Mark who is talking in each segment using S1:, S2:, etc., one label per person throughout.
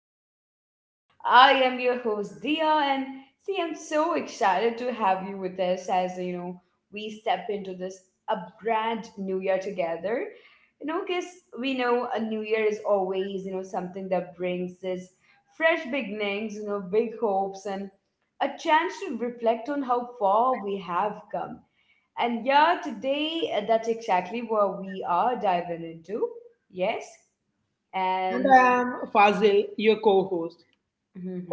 S1: podcast. I am your host Dia, and see, I'm so excited to have you with us as you know we step into this a brand new year together. Because we know a new year is always something that brings this fresh beginnings, big hopes, and a chance to reflect on how far we have come. And yeah, today that's exactly what we are diving into. Yes
S2: And
S1: and
S2: I am Fazil, your co-host.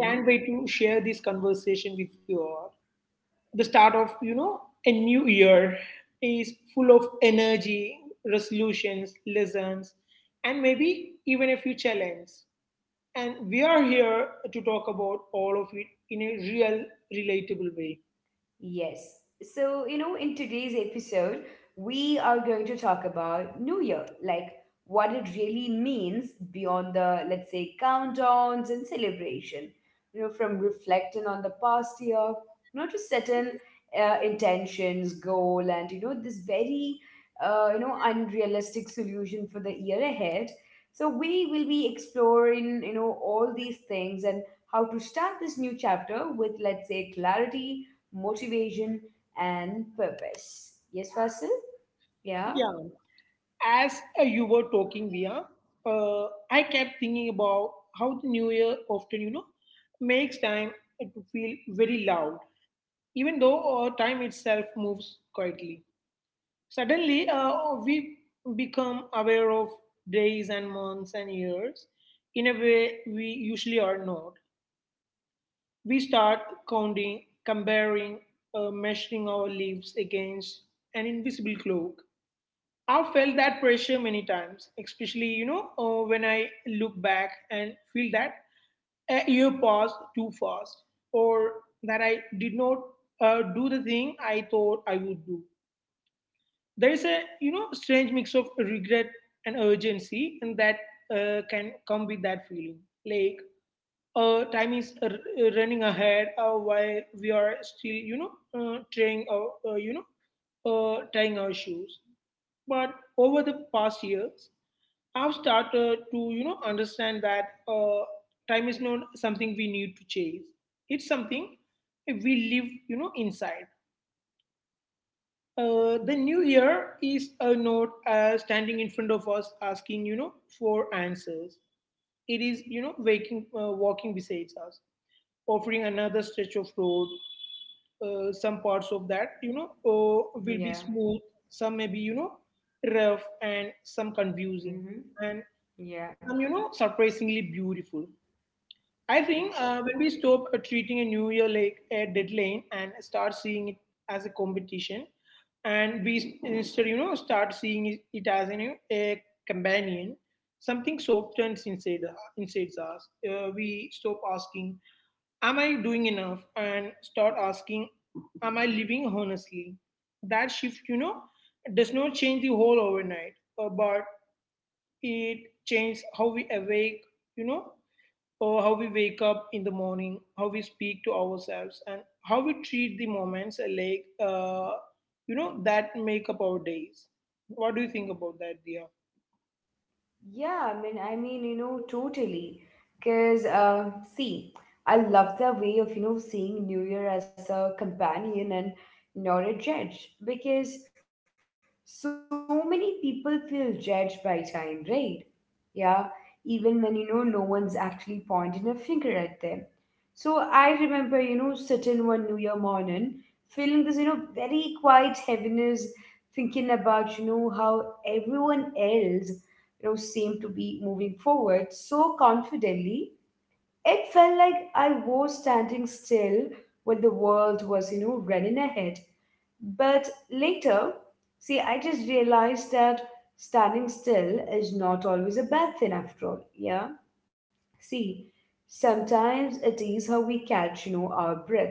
S2: Can't wait to share this conversation with you all. The start of, you know, a new year is full of energy, resolutions, lessons, and maybe even a few challenges. And we are here to talk about all of it in a real, relatable way.
S1: yes. So, in today's episode, we are going to talk about New Year, like what it really means beyond the, let's say, countdowns and celebration. From reflecting on the past year, to setting intentions, goal, and, this very, unrealistic solution for the year ahead. So, we will be exploring, all these things and how to start this new chapter with, let's say, clarity motivation, and purpose. Yes, Fasil? Yeah,
S2: Yeah. As you were talking, Via, I kept thinking about how the new year often, you know, makes time to feel very loud even though time itself moves quietly. Suddenly, we become aware of days and months and years in a way we usually are not. We start counting, comparing, measuring our lives against an invisible clock. I've felt that pressure many times, especially, you know, when I look back and feel that a year passed too fast, or that I did not do the thing I thought I would do. There is a, you know, strange mix of regret and urgency and that can come with that feeling like time is running ahead while we are still, you know, uh, trying our uh, you know tying our shoes. But over the past years I've started to, you know, understand that time is not something we need to chase. It's something we live, you know, inside. The new year is not standing in front of us asking, you know, for answers. It is, you know, walking beside us, offering another stretch of road. Some parts of that, you know, will be
S1: yeah,
S2: smooth. Some may be, you know, rough and some confusing,
S1: mm-hmm.
S2: and
S1: Yeah,
S2: some, you know, surprisingly beautiful. I think when we
S1: exactly.
S2: stop treating a new year like a deadline and start seeing it as a competition, and instead, you know, start seeing it as you a companion, something softens inside us. We stop asking, "Am I doing enough?" and start asking, "Am I living honestly?" That shift, you know, does not change the whole overnight, but it changes how we awake, you know, or how we wake up in the morning, how we speak to ourselves, and how we treat the moments you know, that make up our days. What do you think about that, Dia?
S1: Yeah, I mean, totally. Because, see, I love the way of, seeing New Year as a companion and not a judge. Because so many people feel judged by time, right? Yeah, even when, no one's actually pointing a finger at them. So I remember, sitting one New Year morning, feeling this, very quiet heaviness, thinking about, how everyone else, seemed to be moving forward so confidently. It felt like I was standing still when the world was, running ahead. But later, see, I just realized that standing still is not always a bad thing after all. Yeah. See, sometimes it is how we catch, our breath.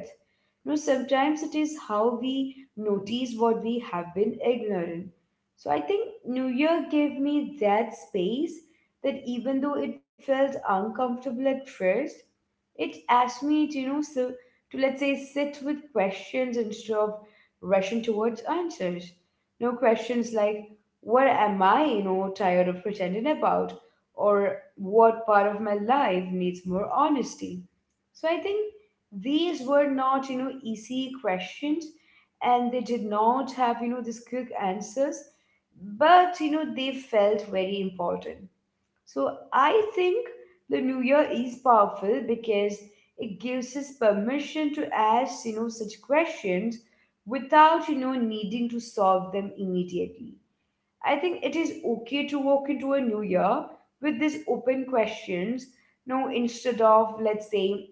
S1: No, sometimes it is how we notice what we have been ignorant. So I think New Year gave me that space that even though it felt uncomfortable at first, it asks me to, so to let's say sit with questions instead of rushing towards answers. No, questions like, what am I, tired of pretending about? Or what part of my life needs more honesty? So I think these were not, easy questions and they did not have, these quick answers, but, they felt very important. So I think the new year is powerful because it gives us permission to ask, such questions without, needing to solve them immediately. I think it is okay to walk into a new year with these open questions, no, instead of, let's say,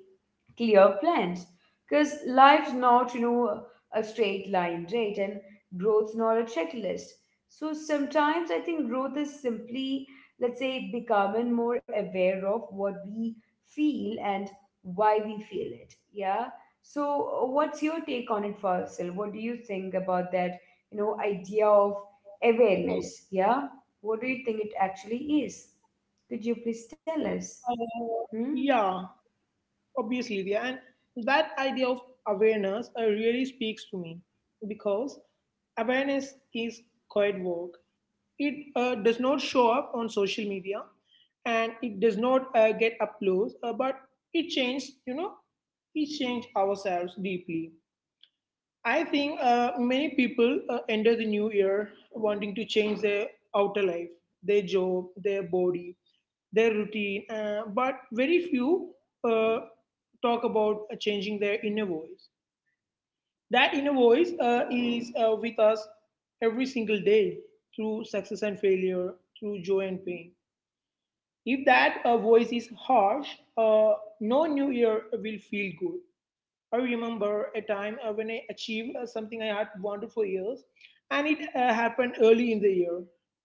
S1: clear plans, because life's not a straight line, right? And growth's not a checklist, so sometimes I think growth is simply, let's say, becoming more aware of what we feel and why we feel it. Yeah. So what's your take on it, Faisal? What do you think about that idea of awareness? Yeah, what do you think it actually is? Could you please
S2: Uh,
S1: tell us? Hmm.
S2: yeah, obviously, yeah. And that idea of awareness really speaks to me because awareness is quiet work. It does not show up on social media, and it does not get applause, but it changed, you know, it changed ourselves deeply. I think many people enter the new year wanting to change their outer life, their job, their body, their routine, but very few uh, talk about changing their inner voice. That inner voice is with us every single day, through success and failure, through joy and pain. If that voice is harsh, uh, no new year will feel good. I remember a time when I achieved something I had wanted for years, and it happened early in the year.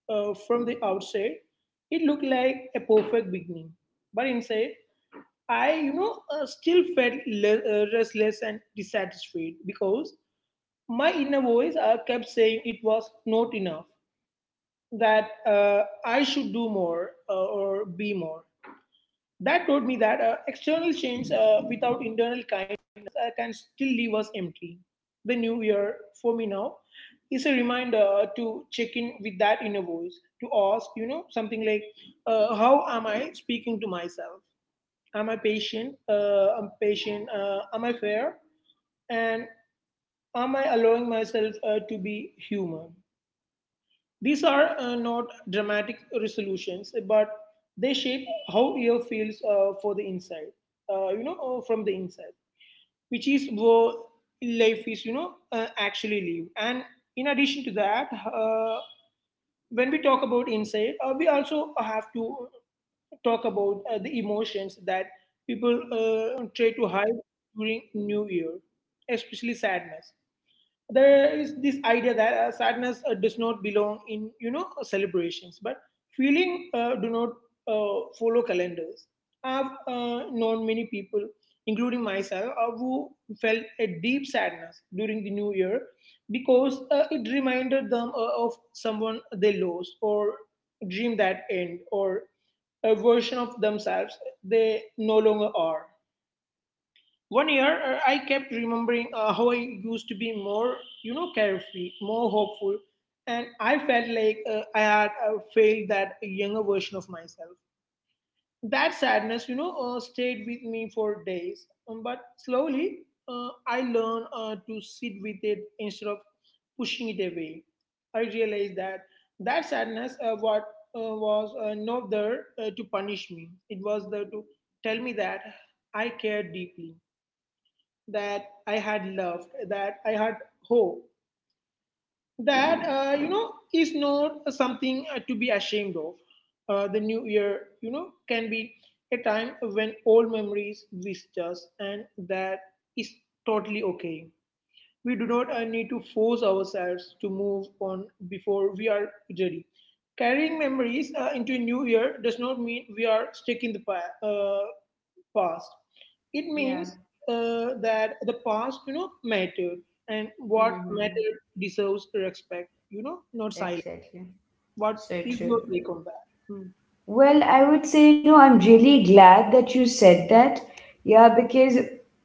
S2: From the outside, it looked like a perfect beginning, but inside, I, you know, still felt restless and dissatisfied because my inner voice kept saying it was not enough, that I should do more or be more. That taught me that external change without internal kindness can still leave us empty. The new year for me now is a reminder to check in with that inner voice, to ask, you know, something like, how am I speaking to myself? Am I patient? I'm patient. Am I fair? And am I allowing myself to be human? These are not dramatic resolutions, but they shape how year feels you know, from the inside, which is where life is, you know, actually live. And in addition to that, when we talk about inside, we also have to talk about the emotions that people try to hide during New Year, especially sadness. There is this idea that sadness does not belong in, you know, celebrations, but feeling do not follow calendars. I've known many people, including myself, who felt a deep sadness during the new year because it reminded them of someone they lost, or dream that end, or a version of themselves they no longer are. One year, I kept remembering how I used to be more, you know, carefree, more hopeful, and I felt like I had failed that younger version of myself. That sadness, you know, stayed with me for days. But slowly, I learned to sit with it instead of pushing it away. I realized that that sadness what was not there to punish me. It was there to tell me that I cared deeply, that I had loved, that I had hope. That, you know, is not something to be ashamed of. The new year, you know, can be a time when old memories visit us, and that is totally okay. We do not need to force ourselves to move on before we are ready. Carrying memories into a new year does not mean we are stuck in the past. It
S1: Yeah.
S2: means that the past, you know, mattered, and what
S1: Hmm.
S2: mattered deserves respect. You know, not silence.
S1: Exactly.
S2: What
S1: So
S2: is your
S1: true.
S2: take on that? Hmm.
S1: Well, I would say, I'm really glad that you said that. Yeah, because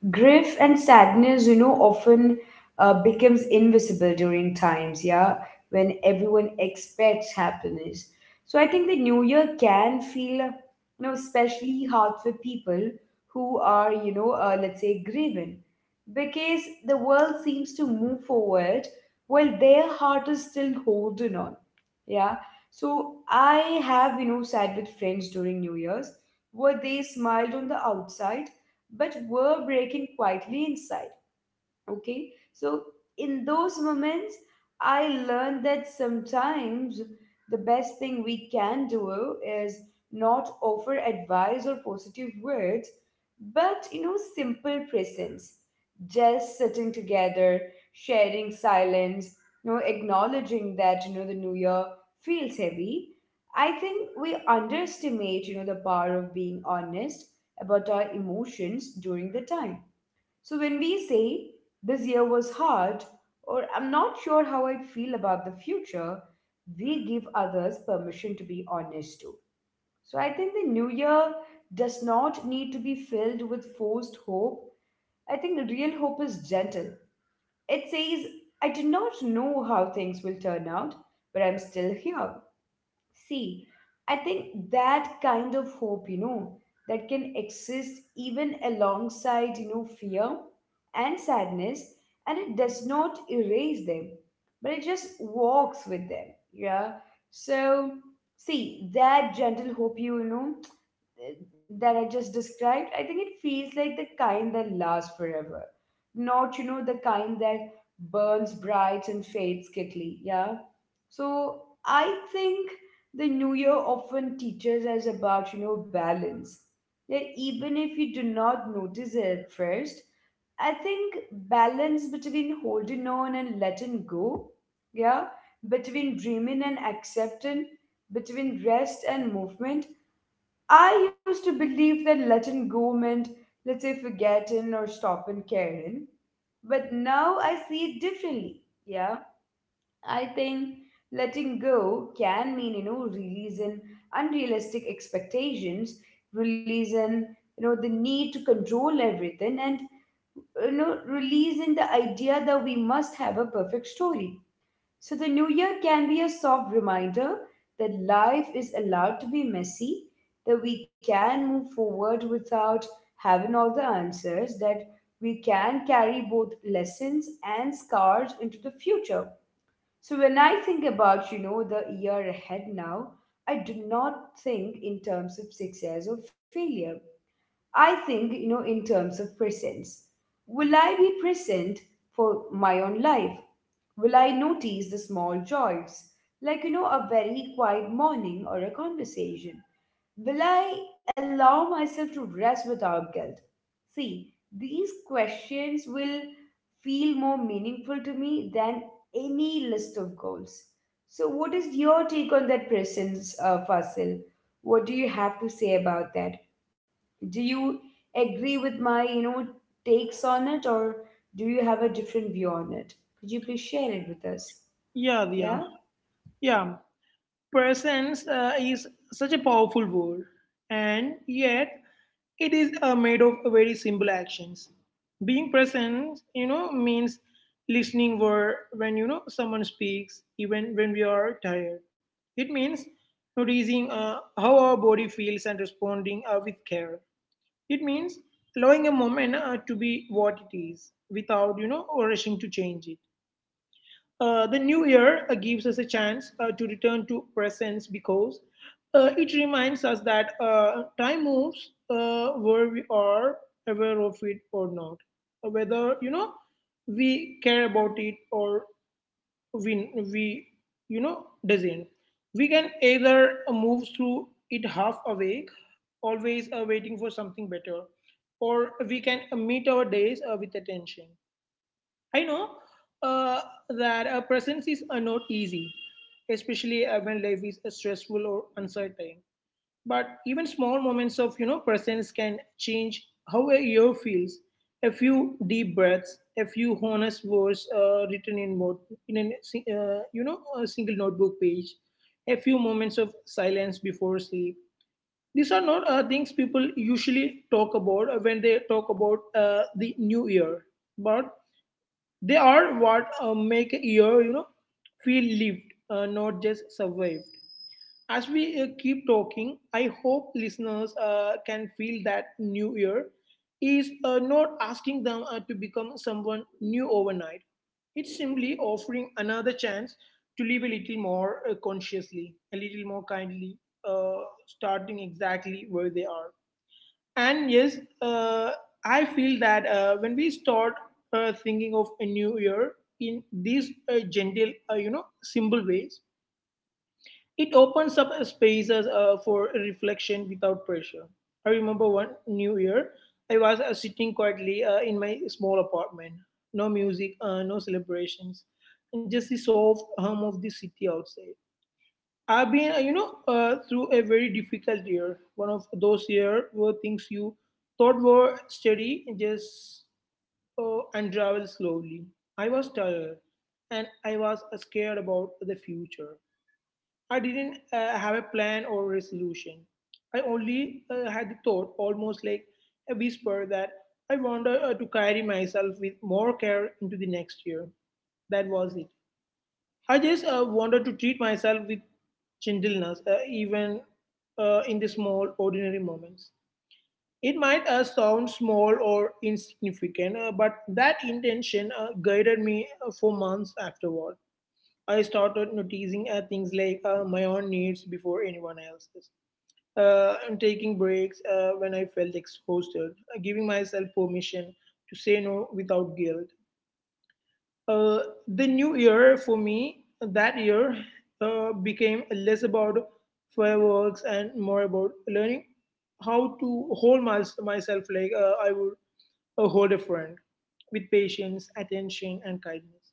S1: grief and sadness, often becomes invisible during times, yeah, when everyone expects happiness. So I think the new year can feel, especially hard for people who are, let's say, grieving, because the world seems to move forward while their heart is still holding on. Yeah, so I have, sat with friends during New Year's where they smiled on the outside but were breaking quietly inside. Okay, so in those moments, I learned that sometimes the best thing we can do is not offer advice or positive words, but simple presence. Just sitting together, sharing silence, acknowledging that the new year feels heavy. I think we underestimate, the power of being honest about our emotions during the time, so when we say this year was hard or I'm not sure how I feel about the future, we give others permission to be honest too. So I think the new year does not need to be filled with forced hope. I think real hope is gentle. It says, I do not know how things will turn out, but I'm still here. See, I think that kind of hope, that can exist even alongside, fear and sadness, and it does not erase them, but it just walks with them. Yeah. So, see, that gentle hope, that I just described, I think it feels like the kind that lasts forever. Not, the kind that burns bright and fades quickly. Yeah. So I think the new year often teaches us about, balance. That even if you do not notice it at first, I think balance between holding on and letting go. Yeah. Between dreaming and accepting, between rest and movement. I used to believe that Latin go meant, let's say, forgotten or stopping caring, but now I see it differently. Yeah, I think letting go can mean releasing unrealistic expectations, releasing the need to control everything, and releasing the idea that we must have a perfect story. So the new year can be a soft reminder that life is allowed to be messy, that we can move forward without having all the answers, that we can carry both lessons and scars into the future. So when I think about, the year ahead now, I do not think in terms of success or failure. I think, in terms of presence. Will I be present for my own life? Will I notice the small joys, like, a very quiet morning or a conversation? Will I allow myself to rest without guilt? See, these questions will feel more meaningful to me than any list of goals. So, what is your take on that presence, Fasil? What do you have to say about that? Do you agree with my, takes on it, or do you have a different view on it? Could you please share it with us?
S2: Yeah, yeah,
S1: Yeah?
S2: yeah. Presence is such a powerful word, and yet it is made of very simple actions. Being present, you know, means listening where when, you know, someone speaks, even when we are tired. It means noticing how our body feels and responding with care. It means allowing a moment to be what it is without, you know, or rushing to change it. The new year gives us a chance to return to presence because it reminds us that time moves where we are aware of it or not, whether, you know, we care about it or we you know doesn't. We can either move through it half awake, always waiting for something better, or we can meet our days with attention. I know uh, that presence is not easy, especially when life is stressful or uncertain. But even small moments of, you know, presence can change how a year feels. A few deep breaths, a few honest words written in mode, in you know, a single notebook page, a few moments of silence before sleep. These are not things people usually talk about when they talk about the new year. But they are what make a year, you know, feel lived, not just survived. As we keep talking, I hope listeners can feel that New Year is not asking them to become someone new overnight. It's simply offering another chance to live a little more consciously, a little more kindly, uh, starting exactly where they are. And yes, I feel that when we start thinking of a new year in these gentle, you know, simple ways, it opens up spaces for reflection without pressure. I remember one new year, I was sitting quietly in my small apartment. No music, no celebrations, just the soft hum of the city outside. I've been, through a very difficult year. One of those years where things you thought were steady just unravel slowly. I was tired, and I was scared about the future. I didn't have a plan or resolution. I only had the thought, almost like a whisper, that I wanted to carry myself with more care into the next year. That was it. I just wanted to treat myself with gentleness, even in the small, ordinary moments. It might sound small or insignificant, but that intention guided me for months afterward. I started noticing things like my own needs before anyone else's, and taking breaks when I felt exhausted, giving myself permission to say no without guilt. uh, the new year for me, that year, became less about fireworks and more about learning how to hold myself like I would hold a friend, with patience, attention, and kindness.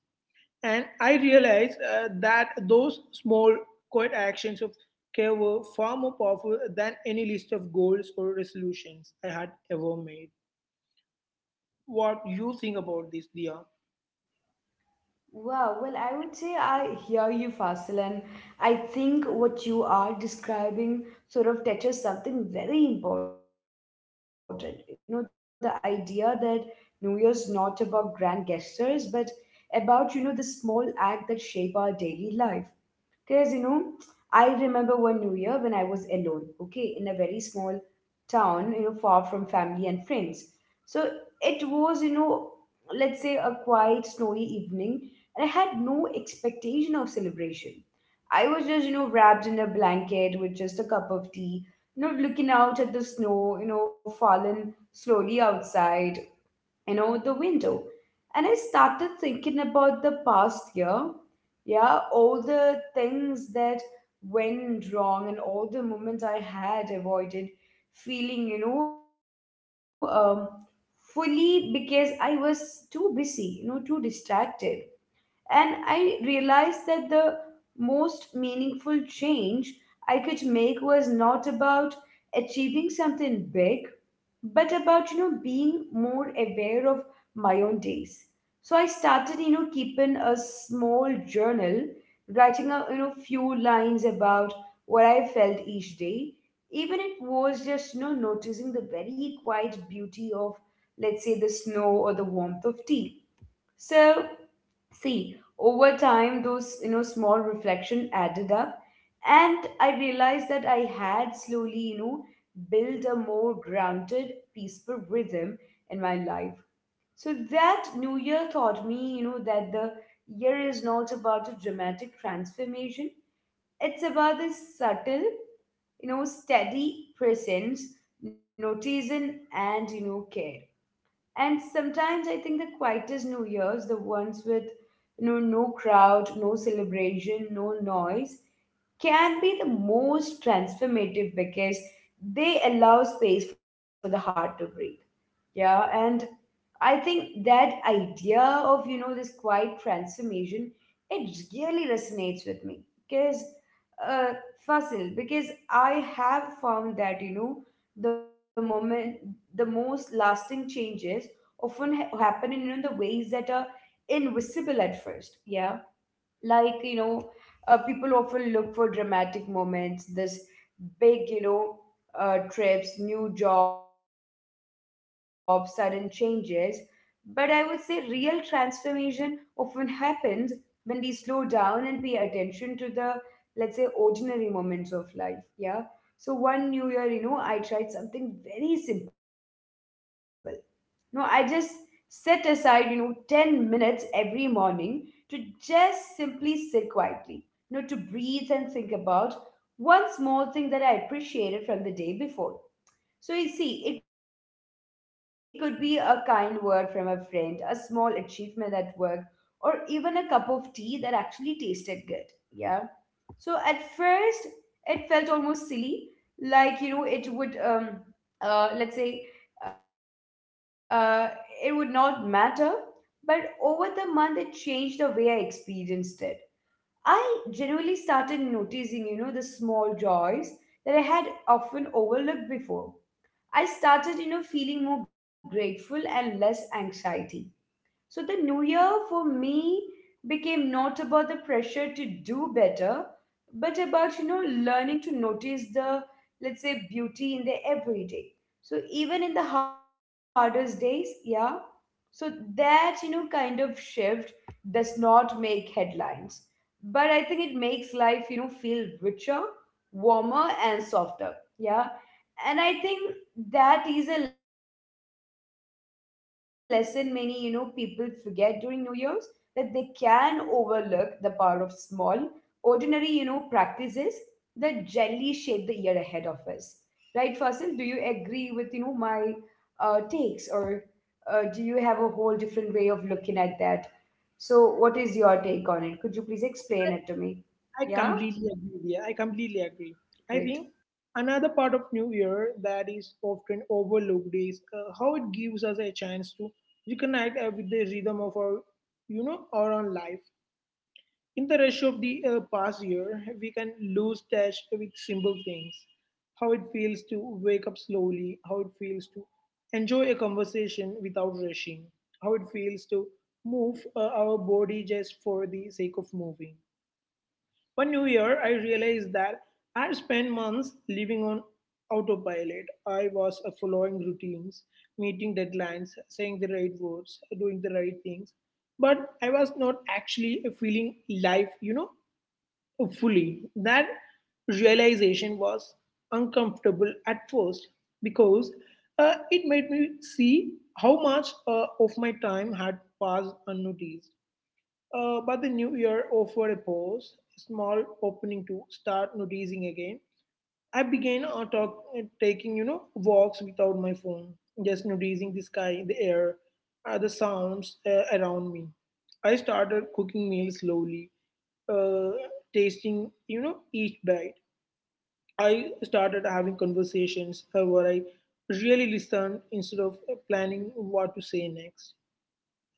S2: And I realized that those small, quiet actions of care were far more powerful than any list of goals or resolutions I had ever made. What you think about this, Dia?
S1: Wow, well, I would say I hear you, Fasil, and I think what you are describing sort of touches something very important. You know, the idea that New Year's not about grand gestures, but about, the small act that shape our daily life. Because, I remember one New Year when I was alone, okay, in a very small town, far from family and friends. So it was, let's say, a quiet, snowy evening, and I had no expectation of celebration. I was just, wrapped in a blanket with just a cup of tea, looking out at the snow, fallen slowly outside, the window. And I started thinking about the past year. Yeah, all the things that went wrong and all the moments I had avoided feeling fully, because I was too busy, too distracted. And I realized that the most meaningful change I could make was not about achieving something big, but about being more aware of my own days. So I started, keeping a small journal, writing a few lines about what I felt each day, even it was just noticing the very quiet beauty of, let's say, the snow or the warmth of tea. So, see, over time those small reflection added up, and I realized that I had slowly built a more grounded peaceful rhythm in my life. So that new year taught me that the year is not about a dramatic transformation. It's about this subtle steady presence, noticing and care. And sometimes I think the quietest New Year's, the ones with no crowd, no celebration, no noise, can be the most transformative because they allow space for the heart to breathe. Yeah, and I think that idea of, this quiet transformation, it really resonates with me. Because, uh, Fasil, because I have found that, the moment, the most lasting changes often happen in, the ways that are invisible at first. Yeah, like people often look for dramatic moments, this big, trips, new jobs, sudden changes. But I would say real transformation often happens when we slow down and pay attention to the, let's say, ordinary moments of life. Yeah. So one new year, I tried something very simple. No, I just set aside, 10 minutes every morning to just simply sit quietly, to breathe and think about one small thing that I appreciated from the day before. So, you see, it could be a kind word from a friend, a small achievement at work, or even a cup of tea that actually tasted good. Yeah. So, at first, it felt almost silly, like, you know, it would. Let's say uh, it would not matter, but over the month it changed the way I experienced it. I genuinely started noticing the small joys that I had often overlooked before. I started feeling more grateful and less anxiety. So the new year for me became not about the pressure to do better, but about, learning to notice the beauty in the everyday. So even in the hardest days, yeah. So that, kind of shift does not make headlines, but I think it makes life, feel richer, warmer, and softer. Yeah, and I think that is a lesson many, people forget during new year's, that they can overlook the power of small, ordinary, practices that gently shape the year ahead of us. Right, Fasil, do you agree with, you know my takes or do you have a whole different way of looking at that? So what is your take on it? Could you please explain it to me?
S2: I
S1: Yeah.
S2: completely agree. Yeah, I completely agree. I think
S1: Great.
S2: another part of New Year that is often overlooked is how it gives us a chance to reconnect with the rhythm of our our own life. In the rush of the past year, we can lose touch with simple things. How it feels to wake up slowly, how it feels to enjoy a conversation without rushing, how it feels to move our body just for the sake of moving. One new year, I realized that I spent months living on autopilot. I was following routines, meeting deadlines, saying the right words, doing the right things, but I was not actually feeling life fully. That realization was uncomfortable at first because it made me see how much of my time had passed unnoticed. But the new year offered a pause, a small opening to start noticing again. I began taking, walks without my phone, just noticing the sky, the air, the sounds around me. I started cooking meals slowly, uh, tasting, each bite. I started having conversations where I really listened instead of planning what to say next.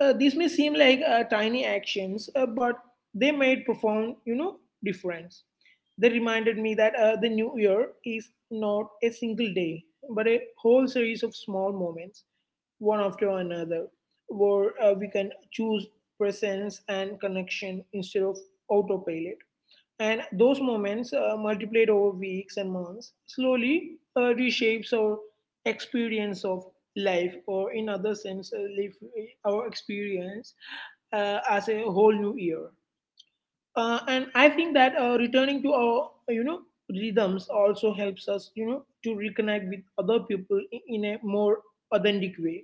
S2: This may seem like tiny actions, but they made profound difference. They reminded me that the new year is not a single day, but a whole series of small moments, one after another, where we can choose presence and connection instead of autopilot. And those moments, multiplied over weeks and months, slowly reshapes our experience of life, or in other sense live our experience as a whole new year. And I think that returning to our rhythms also helps us to reconnect with other people in a more authentic way.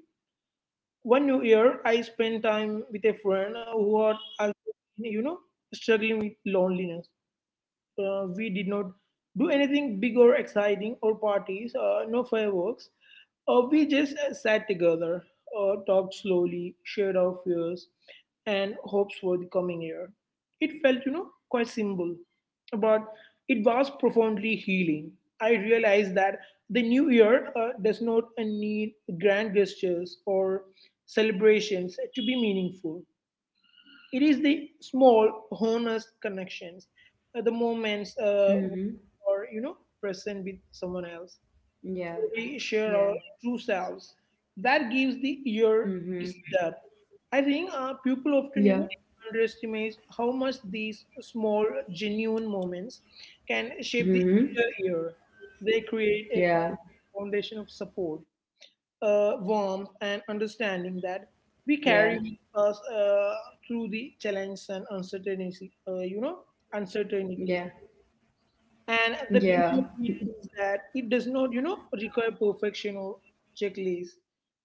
S2: One new year I spent time with a friend who had also, you know struggling with loneliness. We did not do anything big or exciting or parties, no fireworks. We just sat together, talked slowly, shared our fears and hopes for the coming year. It felt, quite simple, but it was profoundly healing. I realized that the new year does not need grand gestures or celebrations to be meaningful. It is the small, honest connections, the moments or
S1: Mm-hmm.
S2: present with someone else. We
S1: Yeah,
S2: share our true
S1: yeah.
S2: selves. That gives the ear its
S1: Mm-hmm.
S2: depth. I think people often underestimate how much these small, genuine moments can shape the entire
S1: Mm-hmm.
S2: year. They create a
S1: Yeah,
S2: foundation of support, warmth and
S1: yeah,
S2: understanding that we carry with us through the challenges and uncertainty, uncertainties.
S1: yeah,
S2: And the beauty of
S1: yeah.
S2: it is that it does not, require perfection or checklist.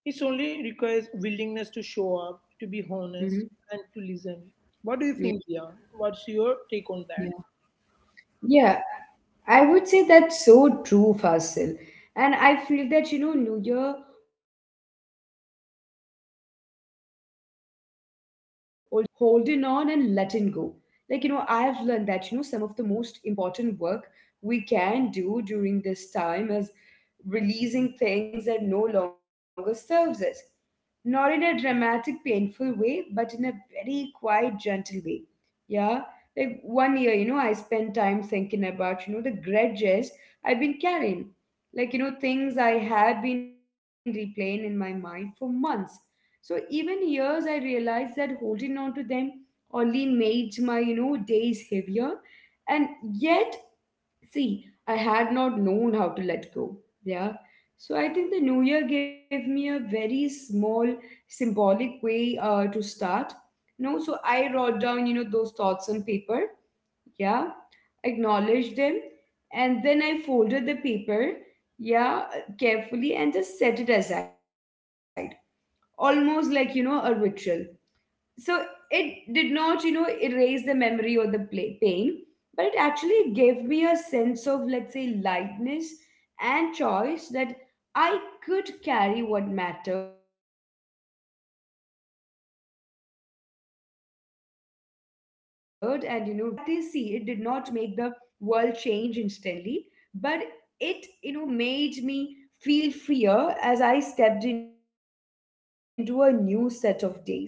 S2: It only requires willingness to show up,
S1: Mm-hmm.
S2: to be honest, and to listen. What do you think, Dia? What's your take
S1: Yeah,
S2: on that?
S1: yeah. I would say that's so true, Fasil. And I feel that, New Year also invite us to reflect on, the balance between holding on and letting go. I have learned that, some of the most important work we can do during this time is releasing things that no longer serves us. Not in a dramatic, painful way, but in a very quiet, gentle way. Yeah. Like one year, I spent time thinking about, the grudges I've been carrying. Things I had been replaying in my mind for months. So even years, I realized that holding on to them only made my, days heavier. And yet, see, I had not known how to let go. Yeah. So I think the new year gave me a very small symbolic way to start. No, so I wrote down, those thoughts on paper. Yeah. Acknowledged them. And then I folded the paper. Yeah. Carefully and just set it aside. Almost like, a ritual. So it did not, erase the memory or the pain, but it actually gave me a sense of, let's say lightness and choice, that I could carry what mattered and, release what only weighed me down. So that practice, see, it did not make the world change instantly, but it, made me feel freer as I stepped into a new set of days. And I think,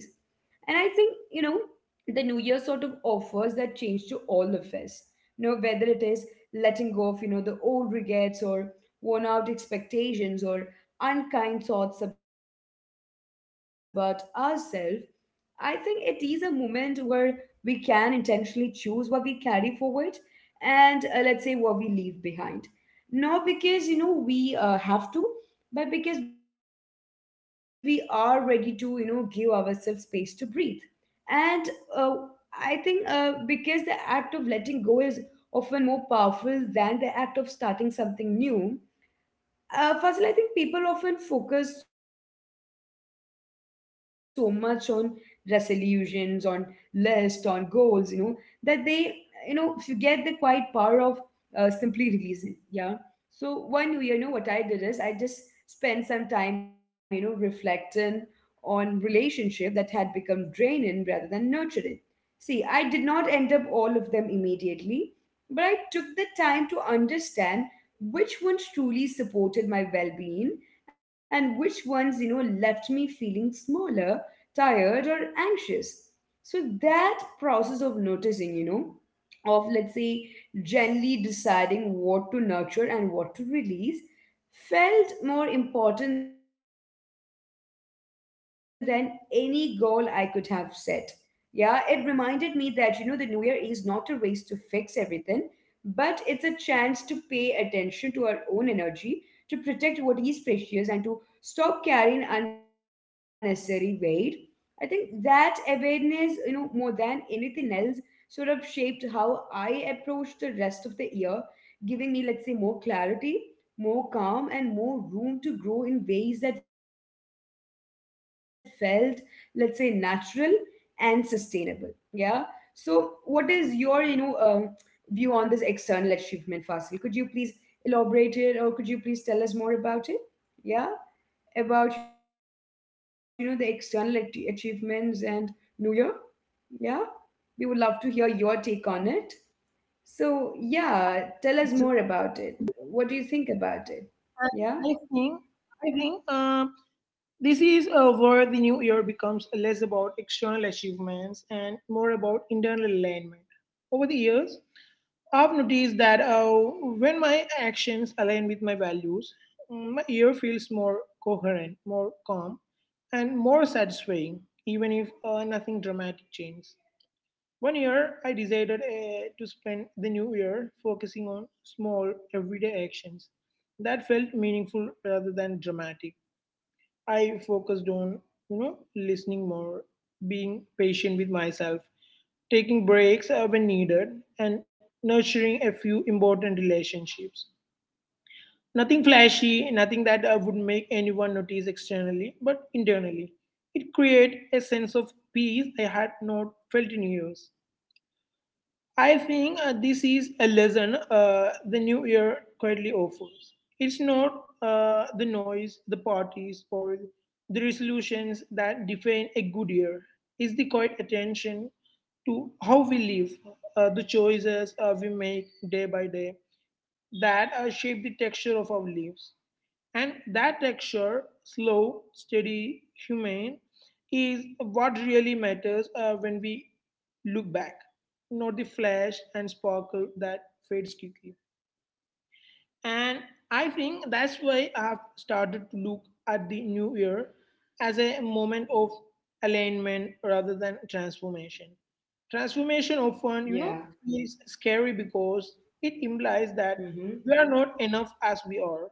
S1: the new year sort of offers that change to all of us, whether it is letting go of, the old regrets, or worn out expectations, or unkind thoughts about ourselves. I think it is a moment where we can intentionally choose what we carry forward and let's say what we leave behind, not because, you know, we have to, but because we are ready to, give ourselves space to breathe. And uh, i think uh, because the act of letting go is often more powerful than the act of starting something new. Firstly, I think people often focus so much on resolutions, on list, on goals, that they forget the quiet power of simply releasing. Yeah. So one New Year, what I did is I just spent some time, reflecting on relationship that had become draining rather than nurturing. See, I did not end up all of them immediately, but I took the time to understand which ones truly supported my well being, and which ones, left me feeling smaller, tired, or anxious. So that process of noticing, you know, of let's say gently deciding what to nurture and what to release felt more important than any goal I could have set. Yeah, it reminded me that, the new year is not a race to fix everything, but it's a chance to pay attention to our own energy, to protect what is precious, and to stop carrying unnecessary weight. I think that awareness, more than anything else, sort of shaped how I approach the rest of the year, giving me, more clarity, more calm, and more room to grow in ways that felt, natural and sustainable. Yeah, so what is your view on this external achievement, Fasil? Could you please elaborate it, or could you please tell us more about it? Yeah, about, you know, the achievements and new year. Yeah, we would love to hear your take on it. So yeah, tell us more about it.
S2: Absolutely.
S1: What do you think about it?
S2: And I
S1: Yeah.
S2: think, I think this is where the new year becomes less about external achievements and more about internal alignment. Over the years, I've noticed that when my actions align with my values, my year feels more coherent, more calm, and more satisfying, even if nothing dramatic changes. One year, I decided to spend the new year focusing on small, everyday actions that felt meaningful rather than dramatic. I focused on, listening more, being patient with myself, taking breaks when needed, and nurturing a few important relationships. Nothing flashy, nothing that would make anyone notice externally, but internally. It created a sense of peace I had not felt in years. I think this is a lesson the new year quietly offers. It's not the noise, the parties, or the resolutions that define a good year. It's the quiet attention to how we live, the choices we make day by day that shape the texture of our lives. And that texture, slow, steady, humane, is what really matters when we look back, not the flash and sparkle that fades quickly. And I think that's why I've started to look at the new year as a moment of alignment rather than transformation. Transformation often,
S1: Yeah.
S2: is scary because it implies that
S1: Mm-hmm.
S2: we are not enough as we are.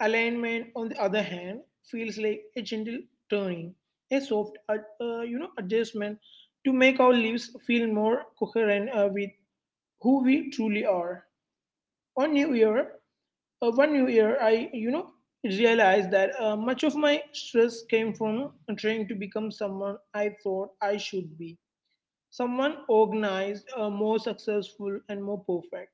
S2: Alignment, on the other hand, feels like a gentle turning, a soft, adjustment to make our lives feel more coherent with who we truly are. On New Year, one New Year, I, realized that much of my stress came from trying to become someone I thought I should be, someone organized, more successful, and more perfect.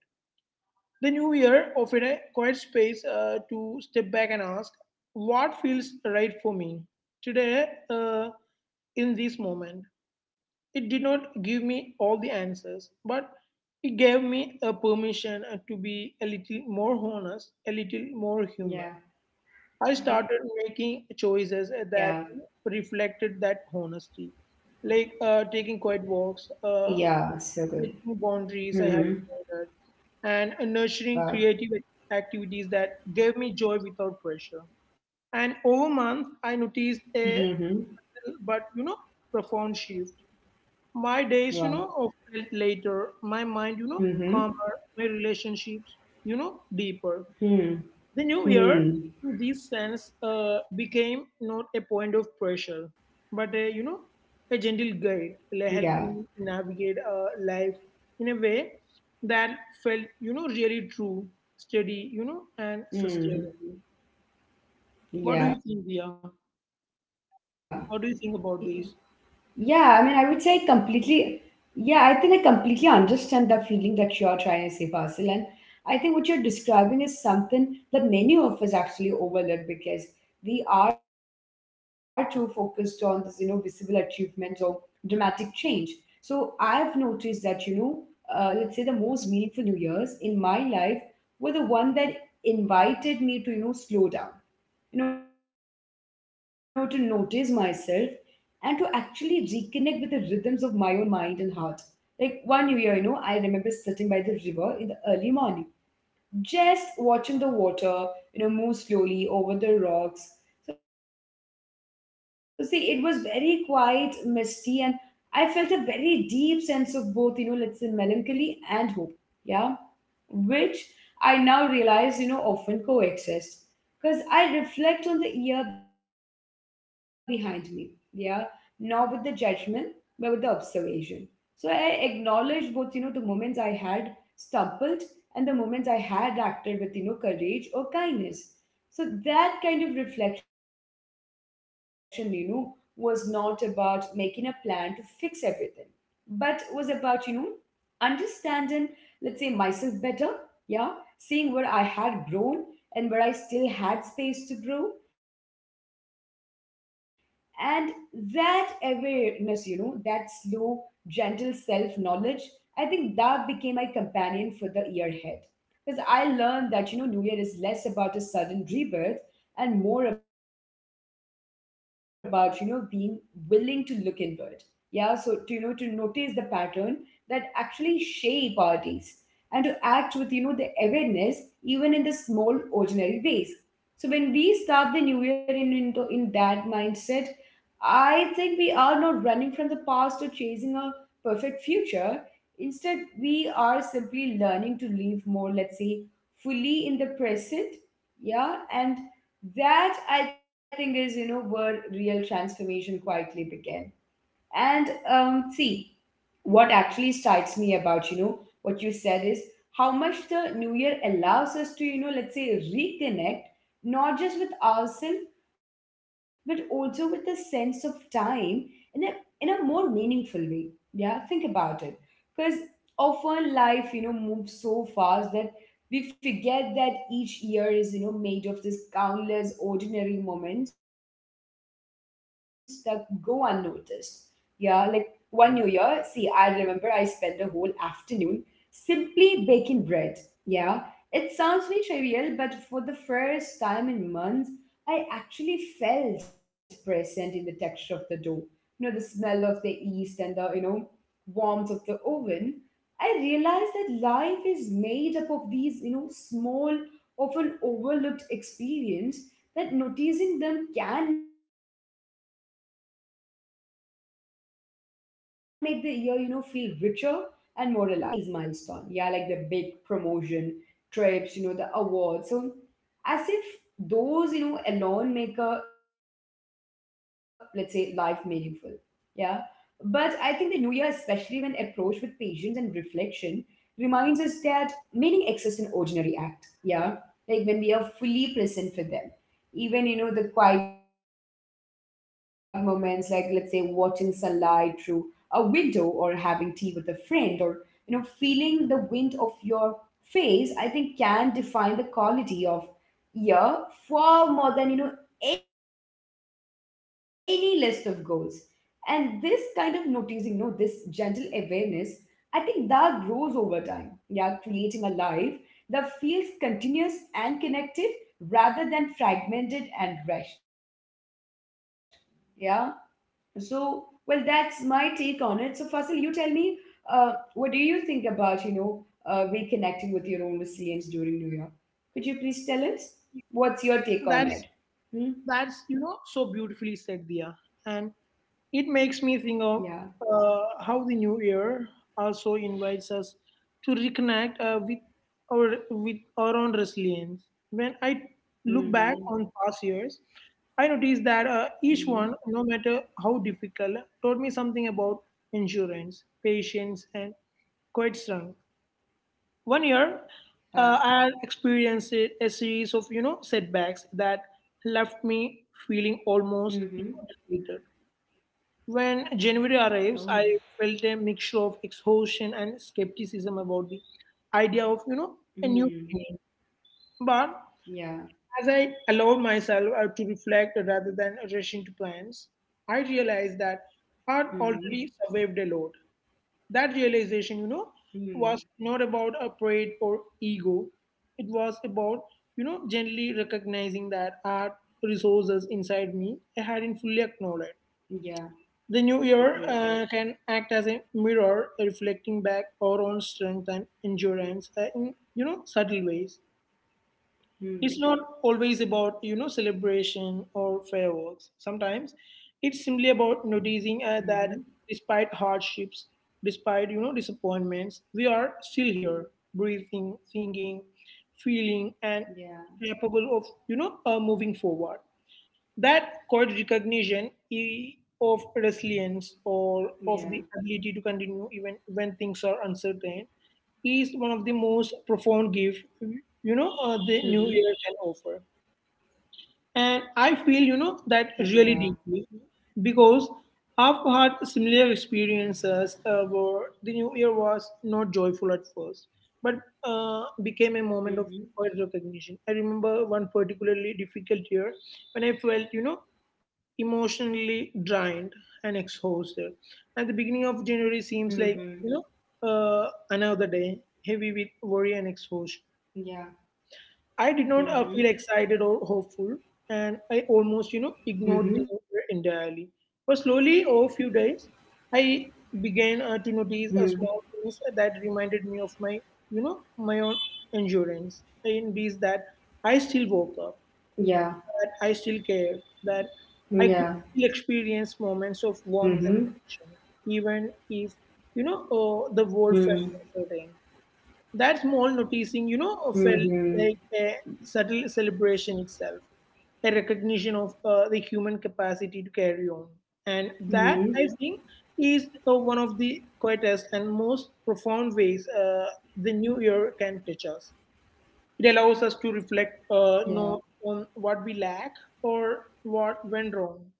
S2: The new year offered a quiet space to step back and ask what feels right for me today, in this moment. It did not give me all the answers, but it gave me a permission to be a little more honest, a little more human.
S1: Yeah.
S2: I started
S1: Yeah.
S2: making choices that reflected that honesty, like
S1: Yeah.
S2: taking quiet
S1: So good.
S2: walks, setting
S1: Hmm.
S2: boundaries I have wanted, and nurturing creative activities that gave me joy without pressure. And over
S1: Mm-hmm.
S2: month, I noticed a but you know profound shift. My days,
S1: Wow.
S2: of felt later. My mind,
S1: Mm-hmm.
S2: calmer. My relationships, deeper.
S1: Hmm.
S2: The new year,
S1: Hmm.
S2: in this sense, became not a point of pressure, but a you know a
S1: Yeah.
S2: gentle guide, like helping navigate life in a way that felt really true, steady, and
S1: Hmm.
S2: sustainable. What do
S1: Yeah.
S2: you think, Dia?
S1: Yeah,
S2: What
S1: I
S2: do
S1: mean,
S2: you
S1: I
S2: think
S1: would
S2: about
S1: say
S2: this?
S1: completely. Yeah, I think I completely understand the feeling that you're trying to say, Fasil. And I think what you're describing is something that many of us actually overlook because we are too focused on this, visible achievements or dramatic change. So I've noticed that, you know, let's say the most meaningful New Year's in my life were the one that invited me to, slow down, to notice myself and to actually reconnect with the rhythms of my own mind and heart. Like one new year, I remember sitting by the river in the early morning, just watching the water, move slowly over the rocks. So, see, it was very quiet, misty, and I felt a very deep sense of both, you know, let's say melancholy and hope. Yeah, which I now realize, often coexist. Because I reflect on the year behind me, yeah, not with the judgment, but with the observation. So I acknowledge both, the moments I had stumbled and the moments I had acted with, courage or kindness. So that kind of reflection, was not about making a plan to fix everything, but was about, you know, understanding myself better. Yeah. Seeing where I had grown and where I still had space to grow. And that awareness, that slow, gentle self knowledge, I think that became my companion for the year ahead. Because I learned that, New Year is less about a sudden rebirth and more about, being willing to look inward. Yeah, so to notice the pattern that actually shape our days and to act with, the awareness even in the small, ordinary ways. So when we start the new year in that mindset, I think we are not running from the past or chasing a perfect future. Instead, we are simply learning to live more, fully in the present. Yeah. And that I think is, where real transformation quietly began. And see, what actually strikes me about, what you said is how much the new year allows us to, you know let's say reconnect, not just with ourselves, but also with a sense of time in a, more meaningful way. Yeah, think about it, because often life, moves so fast that we forget that each year is, made of this countless ordinary moments that go unnoticed. Yeah. Like one New Year, see, I remember I spent a whole afternoon simply baking bread. Yeah, it sounds very trivial, but for the first time in months, I actually felt present in the texture of the dough. You know, the smell of the yeast, and the, warmth of the oven. I realized that life is made up of these, small, often overlooked experience, that noticing them can make the year, feel richer and more alive. Yeah. So see, I think, we tend to chase milestone. Yeah, like the big promotion, trips, the awards. So as if those, you know, alone make a let's say life meaningful. Yeah. But I think the new year, especially when approached with patience and reflection, reminds us that meaning exists in ordinary act. Yeah. Like when we are fully present for them. Even, the quiet moments, like let's say watching sunlight through a window or having tea with a friend, or feeling the wind of your face, I think, can define the quality of year far more than any list of goals. And this kind of noticing, this gentle awareness, I think that grows over time, yeah, creating a life that feels continuous and connected rather than fragmented and rushed. Yeah. so, well, that's my take on it. So, Fasil, you tell me, uh, what do you think about, reconnecting with your own resilience during New Year? Could you please tell us what's your
S2: That's
S1: take on it? Hmm?
S2: so beautifully said, Dia. And it
S1: Yeah.
S2: makes me think of how the new year also invites us to reconnect with our own resilience. When I look back
S1: Mm-hmm.
S2: on past years, I notice that
S1: Mm-hmm.
S2: each one, no matter how difficult, taught me something about endurance, patience, and quite strong. One year,
S1: Uh,
S2: I had experienced a series of setbacks that left me feeling almost
S1: mm-hmm.
S2: defeated. When January arrives,
S1: Oh.
S2: I felt a mixture of exhaustion and skepticism about the idea of, a new
S1: Mm-hmm.
S2: beginning. But
S1: Yeah.
S2: as I allowed myself to reflect rather than rush into plans, I realized that
S1: Mm-hmm.
S2: I'd already survived a lot. That realization,
S1: Mm-hmm.
S2: was not about a pride or ego. It was about, generally recognizing that art resources inside me I hadn't fully acknowledged.
S1: Yeah.
S2: The new year
S1: Great.
S2: can act as a mirror, reflecting back our own strength and endurance in subtle ways. It's not
S1: Mm.
S2: always about celebration or fireworks. Sometimes it's simply
S1: Mm-hmm.
S2: about noticing that despite hardships, despite disappointments, we are still here, breathing, thinking, feeling,
S1: Yeah.
S2: and capable of moving forward. That quiet recognition
S1: Yeah.
S2: of resilience, or of the ability to continue even when things are uncertain, is one of the most
S1: Mm-hmm.
S2: profound gifts the new year can offer. And I
S1: Yeah.
S2: feel that really deeply because I've had similar experiences where the new year was not joyful at first, but became a
S1: Mm-hmm.
S2: moment of quiet recognition. I remember one particularly difficult year when I felt, emotionally drained and exhausted. At the beginning
S1: Mm-hmm.
S2: of January seems like, another day, heavy with worry and
S1: Yeah.
S2: exhaustion. I
S1: Mm-hmm.
S2: did not feel excited or hopeful, and I almost,
S1: Mm-hmm.
S2: ignored the new year entirely. But slowly, over few days,
S1: Hmm.
S2: I began to notice a small things that reminded me of my, my own endurance. And these that I
S1: Yeah.
S2: still woke up, that I still care,
S1: Yeah.
S2: that I could still
S1: Mm-hmm.
S2: experience moments of warmth and connection, even if,
S1: Hmm.
S2: the world felt uncertain. That small noticing,
S1: Mm-hmm.
S2: felt like a subtle celebration itself, a recognition of the
S1: Mm-hmm.
S2: human capacity to carry on. And that, I think, is one of the quietest and most profound ways the new year can touch us. It allows us to reflect
S1: Yeah.
S2: not on what we lack or what went wrong,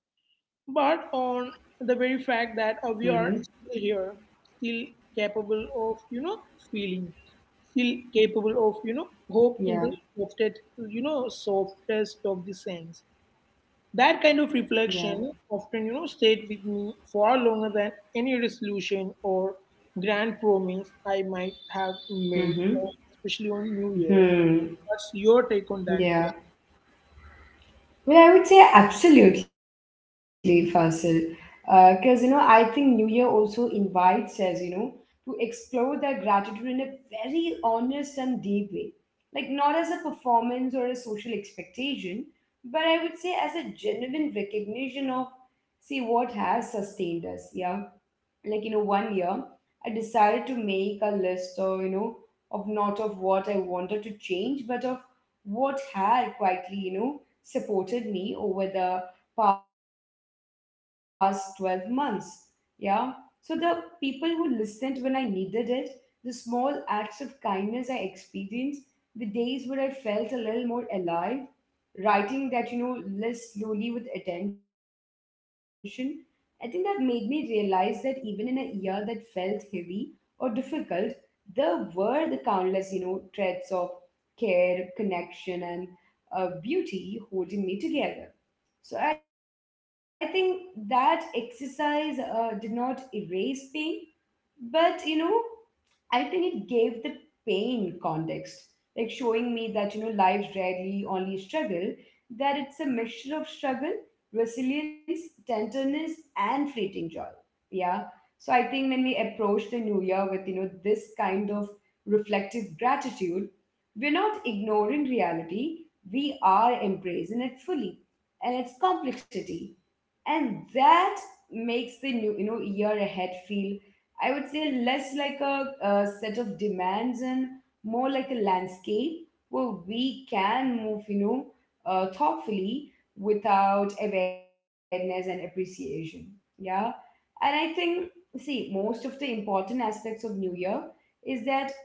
S2: but on the
S1: Mm-hmm.
S2: very fact that we are still here, still capable of feeling, still capable of
S1: Yeah.
S2: hope in the softest you know softest of the sense. That kind of
S1: Yeah.
S2: reflection often stayed with me far longer than any resolution or grand promise I might have made,
S1: Mm-hmm.
S2: especially on New Year.
S1: Hmm.
S2: What's your take on that, Dia?
S1: Yeah. Well, I would say absolutely, Fasil. Because, I think New Year also invites us, to explore that gratitude in a very honest and deep way. Like, not as a performance or a social expectation, but I would say as a genuine recognition of, see, what has sustained us, yeah, like, one year I decided to make a list, or, of not of what I wanted to change, but of what had quietly, supported me over the past 12 months. Yeah. So the people who listened when I needed it, the small acts of kindness I experienced, the days where I felt a little more alive, writing that, list slowly with attention, I think that made me realize that even in a year that felt heavy or difficult, there were the countless, threads of care, connection, and beauty holding me together. So I think that exercise did not erase pain, but I think it gave the pain context, like showing me that, lives rarely only struggle, that it's a mixture of struggle, resilience, tenderness, and fleeting joy. Yeah. So I think when we approach the new year with, this kind of reflective gratitude, we're not ignoring reality, we are embracing it fully and its complexity. And that makes the new, year ahead feel, I would say, less like a set of demands and more like a landscape where we can move, thoughtfully without awareness and appreciation. Yeah. And I think, see, most of the important aspects of New Year is that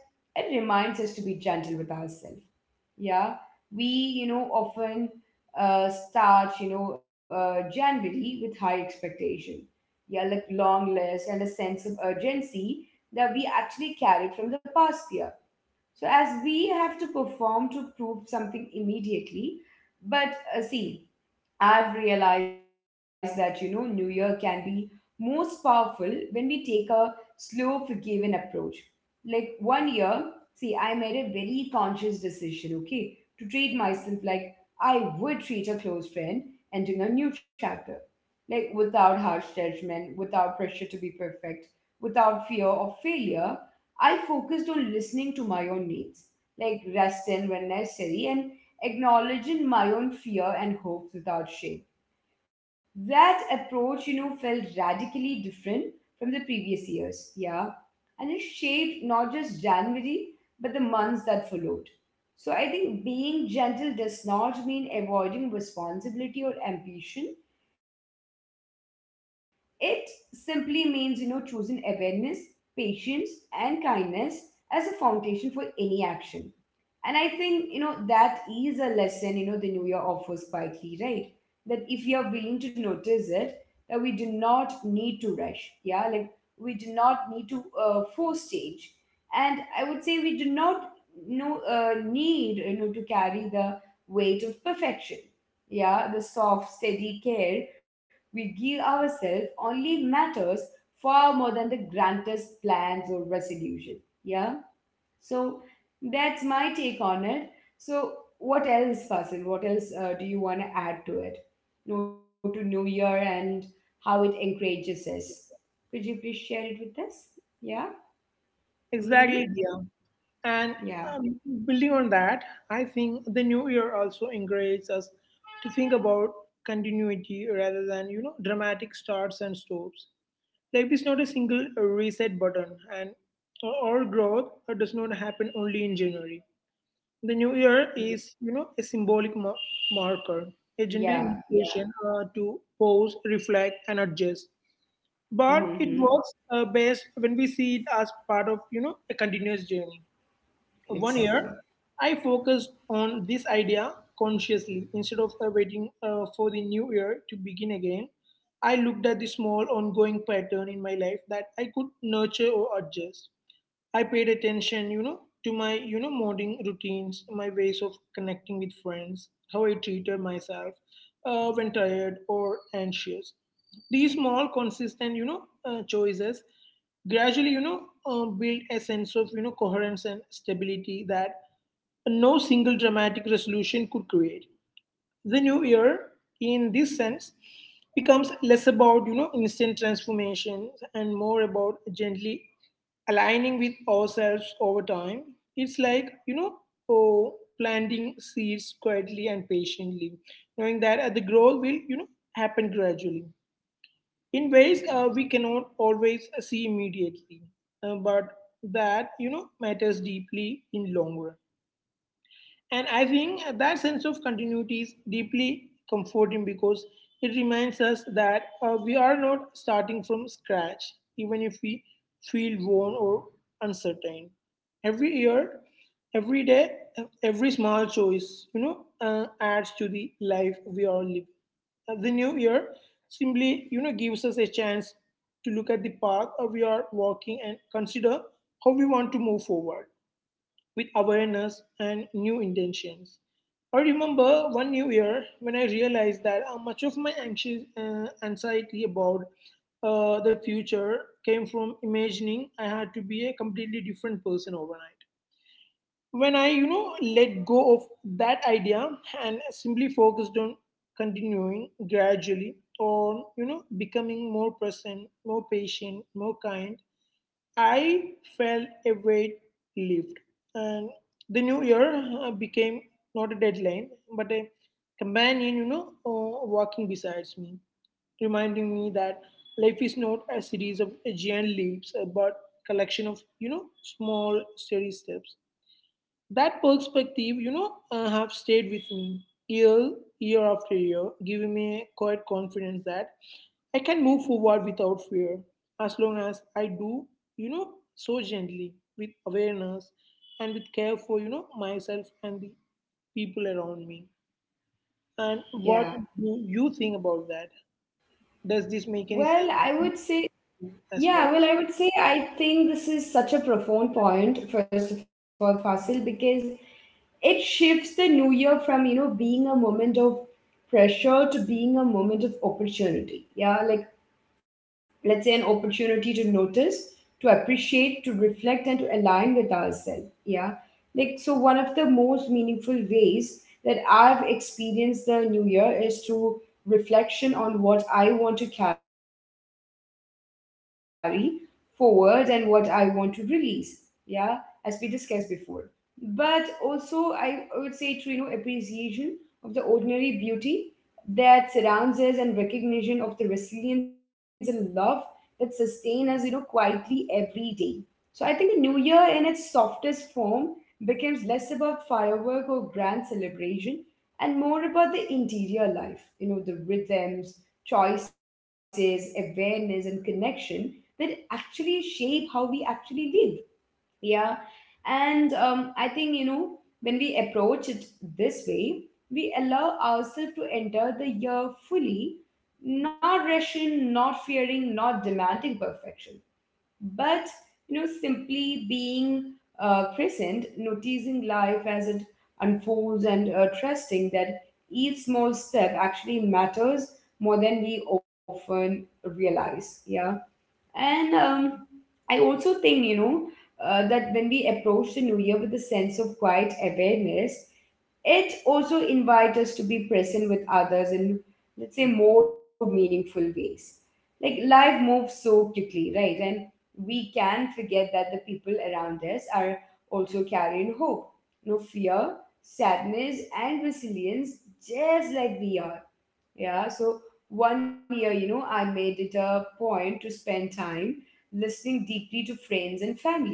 S1: it reminds us to be gentle with ourselves. Yeah, we, often start, January with high expectation, yeah, like long lists and a sense of urgency that we actually carried from the past year, so as we have to perform to prove something immediately. But see, I've realized that, New Year can be most powerful when we take a slow, forgiving approach. Like one year, see, I made a very conscious decision, okay, to treat myself like I would treat a close friend entering a new chapter. Like without harsh judgment, without pressure to be perfect, without fear of failure, I focused on listening to my own needs, like rest in when necessary and acknowledging my own fear and hopes without shame. That approach, felt radically different from the previous years. Yeah. And it shaped not just January, but the months that followed. So I think being gentle does not mean avoiding responsibility or ambition. It simply means, choosing awareness, patience, and kindness as a foundation for any action. And I think, that is a lesson, the new year offers quietly, right? That if you're willing to notice it, that we do not need to rush. Yeah, like we do not need to force change. And I would say we do not, need, to carry the weight of perfection. Yeah, the soft, steady care we give ourselves only matters far more than the grandest plans or resolution. Yeah, so that's my take on it. So what else, Fasil? What else do you want to add to it? No, to New Year and how it encourages us. Could you please share it with us? Yeah.
S2: Exactly,
S1: Mm-hmm.
S2: Dia. And um,
S1: Yeah.
S2: building on that, I think the new year also encourages us to think about continuity rather than dramatic starts and stops. Life is not a single reset button, and our growth does not happen only in January. The new year is
S1: Yeah.
S2: a symbolic marker, a gentle invitation
S1: Yeah. Yeah.
S2: to pause, reflect, and adjust, but it works
S1: Mm-hmm.
S2: best when we see it as part of a continuous journey. One year
S1: Exactly.
S2: I focused on this idea consciously instead of waiting for the new year to begin again. I looked at the small ongoing pattern in my life that I could nurture or adjust. I paid attention to my morning routines, my ways of connecting with friends, how I treated myself when tired or anxious. These small, consistent, choices gradually build a sense of, coherence and stability that no single dramatic resolution could create. The new year, in this sense, becomes less about instant transformations and more about gently aligning with ourselves over time. It's like, oh, planting seeds quietly and patiently, knowing that the growth will, happen gradually in ways we cannot always see immediately, but that matters deeply in long run. And I think that sense of continuity is deeply comforting because it reminds us that we are not starting from scratch, even if we feel worn or uncertain. Every year, every day, every small choice, adds to the life we are living. The new year simply gives us a chance to look at the path we are walking and consider how we want to move forward with awareness and new intentions. I remember one new year when I realized that much of my anxious anxiety about the future came from imagining I had to be a completely different person overnight. When I let go of that idea and simply focused on continuing gradually on, becoming more present, more patient, more kind, I felt a weight lift, and the new year became not a deadline, but a companion, walking besides me, reminding me that life is not a series of giant leaps, but collection of, small, steady steps. That perspective, have stayed with me year after year, giving me a quiet confidence that I can move forward without fear, as long as I do, so gently, with awareness and with care for, myself and the people around me. And what do
S1: Yeah.
S2: you think about that? Does this make any
S1: Well,
S2: sense
S1: I
S2: to
S1: would say,
S2: you as well?
S1: yeah, well, I would say I think this is such a profound point, first of all, Fasil, because it shifts the new year from, being a moment of pressure to being a moment of opportunity. Yeah, like, let's say, an opportunity to notice, to appreciate, to reflect, and to align with ourselves. Yeah, like, so one of the most meaningful ways that I've experienced the new year is through reflection on what I want to carry forward and what I want to release, yeah, as we discussed before, but also I would say to appreciation of the ordinary beauty that surrounds us, and recognition of the resilience and love that sustain us, quietly every day. So I think the new year in its softest form becomes less about firework or grand celebration and more about the interior life, the rhythms, choices, awareness, and connection that actually shape how we actually live. Yeah. And I think, when we approach it this way, we allow ourselves to enter the year fully, not rushing, not fearing, not demanding perfection, but, simply being present, noticing life as it unfolds, and trusting that each small step actually matters more than we often realize. Yeah. And I also think, that when we approach the new year with a sense of quiet awareness, it also invites us to be present with others in, let's say, more meaningful ways. Like life moves so quickly, right? And we can forget that the people around us are also carrying hope, no fear, sadness, and resilience, just like we are. Yeah, so one year, I made it a point to spend time listening deeply to friends and family,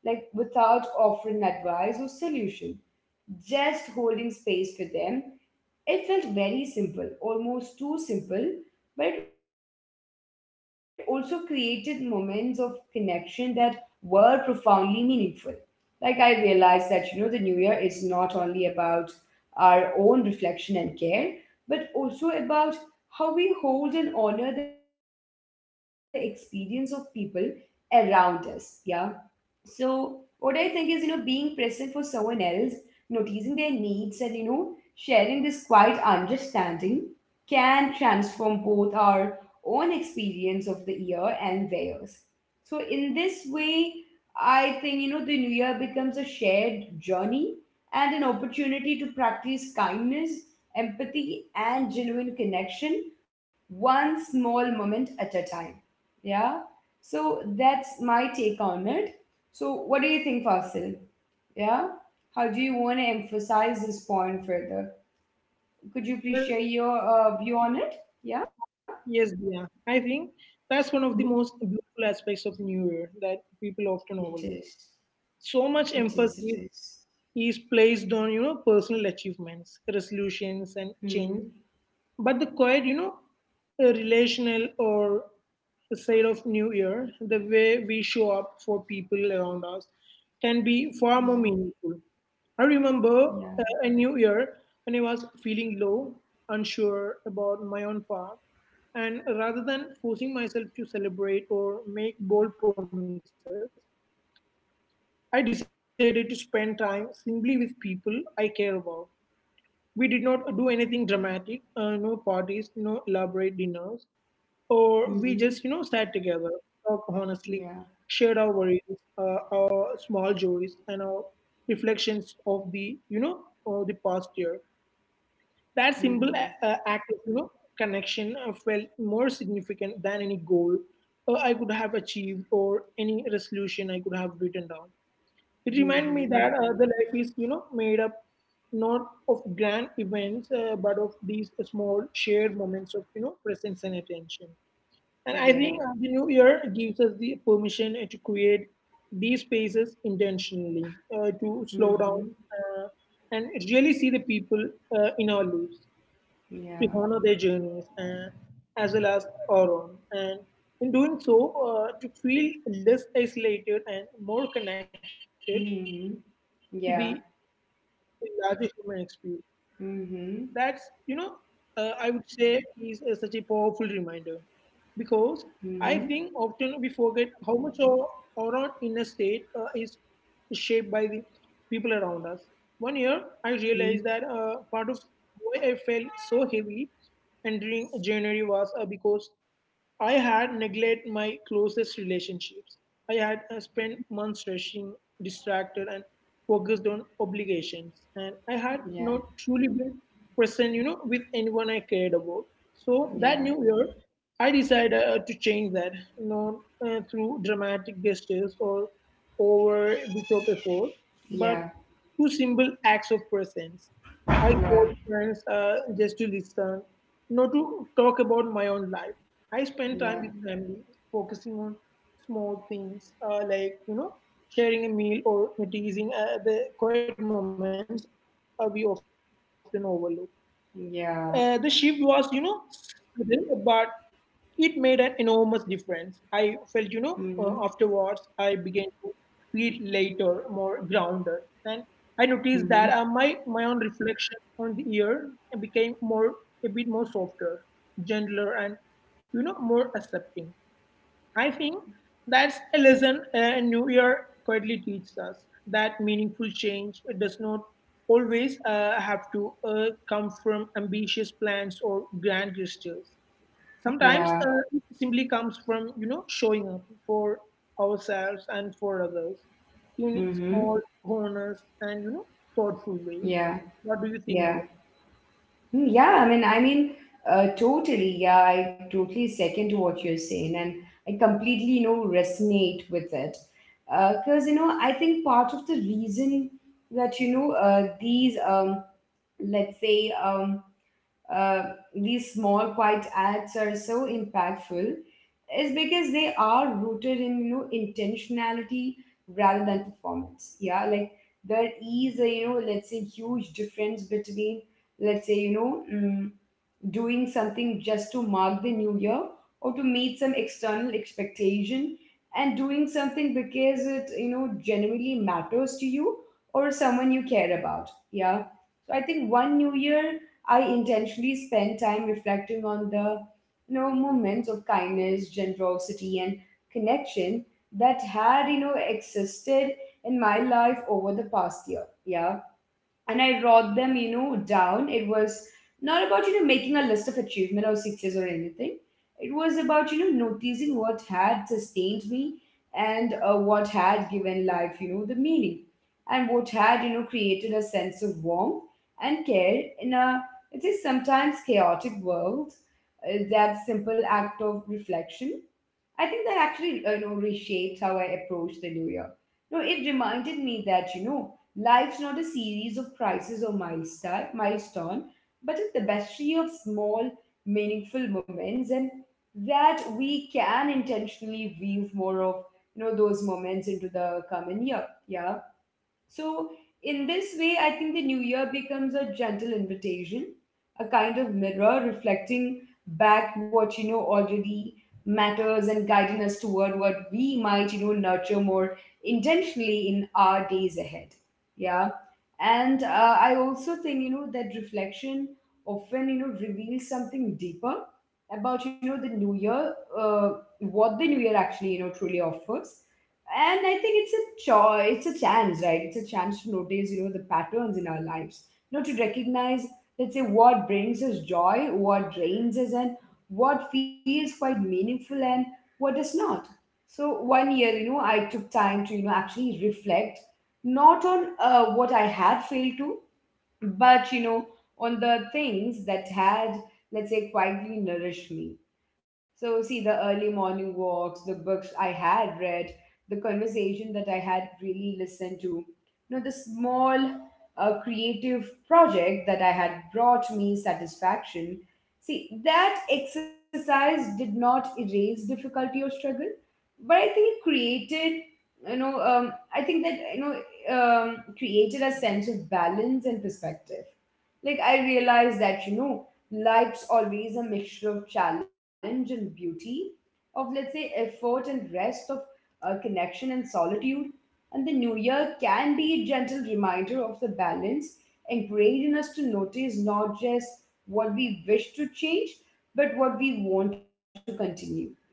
S1: like without offering advice or solution, just holding space for them. It felt very simple, almost too simple, but it also created moments of connection that were profoundly meaningful. Like I realized that, the new year is not only about our own reflection and care, but also about how we hold and honor the experience of people around us. Yeah. So, what I think is, being present for someone else, noticing their needs, and, sharing this quiet understanding can transform both our own experience of the year and theirs. So, in this way, I think, the new year becomes a shared journey and an opportunity to practice kindness, empathy, and genuine connection, one small moment at a time. Yeah. So that's my take on it. So what do you think, Fasil? Yeah? How do you want to emphasize this point further? Could you please share your view on it? Yeah?
S2: Yes, dear. I think that's one of the
S1: Mhm.
S2: most beautiful aspects of New Year that people often
S1: It
S2: overlook.
S1: is.
S2: So much
S1: It is. It
S2: emphasis
S1: is.
S2: is placed on, personal achievements, resolutions, and change,
S1: Mm-hmm.
S2: but the quiet, relational, or the side of New Year, the way we show up for people around us, can be far more
S1: Yeah.
S2: meaningful. I remember
S1: Yeah.
S2: a New Year when I was feeling low, unsure about my own path, and rather than forcing myself to celebrate or make bold promises, I decided to spend time simply with people I care about. We did not do anything dramatic, no parties, no elaborate dinners, or we just, sat
S1: Mm-hmm.
S2: together, talk honestly, shared our
S1: Yeah.
S2: worries, our small joys and our reflections of the of the past year. That simple act
S1: Mm-hmm.
S2: of, connection felt more significant than any goal I could have achieved or any resolution I could have written down. It reminded me
S1: Mm-hmm.
S2: that the life is, made up not of grand events, but of these small shared moments of, presence and attention.
S1: Yeah.
S2: And I think the new year gives us the permission to create these spaces intentionally, to slow down
S1: Mm-hmm.
S2: uh, and really see the people in our lives, to
S1: Yeah.
S2: honor their journeys as well as our own. And in doing so, to feel less isolated and more connected to the
S1: Mm-hmm.
S2: larger human experience.
S1: Yeah.
S2: That's, you know, I would
S1: Mm-hmm.
S2: say is such a powerful reminder because I think often we forget
S1: Mm-hmm.
S2: how much our own inner state is shaped by the people around us. One year, I realized that part of
S1: Mm-hmm.
S2: why I felt so heavy entering January was because I had neglected my closest relationships. I had spent months rushing, distracted, and focused on obligations, and I had not
S1: Yeah.
S2: truly been present, with anyone I cared about. So that
S1: Yeah.
S2: new year, I decided to change that, not through dramatic gestures or over the top efforts, but
S1: Yeah.
S2: through simple acts of presence. I told
S1: Yeah.
S2: friends just to listen, not to talk about my own life. I spend
S1: Yeah.
S2: time with family, focusing on small things like, sharing a meal or noticing the quiet moments we often overlook.
S1: Yeah.
S2: The shift was, sudden, but it made an enormous difference. I felt,
S1: Mhm.
S2: afterwards I began to feel later more grounded, and I noticed
S1: Mhm.
S2: that my own reflection on the year became more a bit more softer, gentler, and more accepting. I think that's a lesson New Year quietly teaches us that meaningful change does not always have to come from ambitious plans or grand gestures. Sometimes
S1: Yeah.
S2: it simply comes from, showing up for ourselves and for others in
S1: Mhm.
S2: small, honest, and thoughtful ways.
S1: Yeah.
S2: What do you think,
S1: Yeah.
S2: Via?
S1: Mm, yeah. Totally. Yeah. I totally second to what you're saying, and I completely, resonate with it. Because, I think part of the reason that, these, let's say, uh, these small quiet acts are so impactful is because they are rooted in, intentionality rather than performance. Yeah, like, there is a, let's say, huge difference between, let's say, doing something just to mark the new year or to meet some external expectation, and doing something because it, genuinely matters to you or someone you care about. Yeah, so I think one new year I intentionally spend time reflecting on the, moments of kindness, generosity, and connection that had, existed in my life over the past year. Yeah. And I wrote them, down. It was not about, making a list of achievement or success or anything. It was about, noticing what had sustained me, and what had given life, the meaning, and what had, created a sense of warmth and care in a, it is sometimes chaotic world. That simple act of reflection, I think that actually, reshaped how I approach the new year. No, it reminded me that, life's not a series of crises or milestone, but a tapestry of small, meaningful moments, and that we can intentionally weave more of, those moments into the coming year. Yeah. So, in this way, I think the new year becomes a gentle invitation, a kind of mirror reflecting back what, already matters, and guiding us toward what we might, nurture more intentionally in our days ahead. Yeah. And I also think, that reflection often, reveals something deeper about, the new year, uh, what the new year actually, truly offers. And I think it's a choice, it's a chance, right? It's a chance to notice, the patterns in our lives, to recognize, let's say, what brings us joy, what drains us, and what feels quite meaningful and what does not. So one year, I took time to, actually reflect not on what I had failed to, but, on the things that had, let's say, quietly nourished me. So, see, the early morning walks, the books I had read, the conversation that I had really listened to, the small creative project that I had brought me satisfaction. See, that exercise did not erase difficulty or struggle, but I think it created, you know, I think that you know created a sense of balance and perspective. Like I realized that, life's always a mixture of challenge and beauty, of, let's say, effort and rest, of connection and solitude. And the new year can be a gentle reminder of the balance, encouraging us to notice not just what we wish to change, but what we want to continue. Yeah,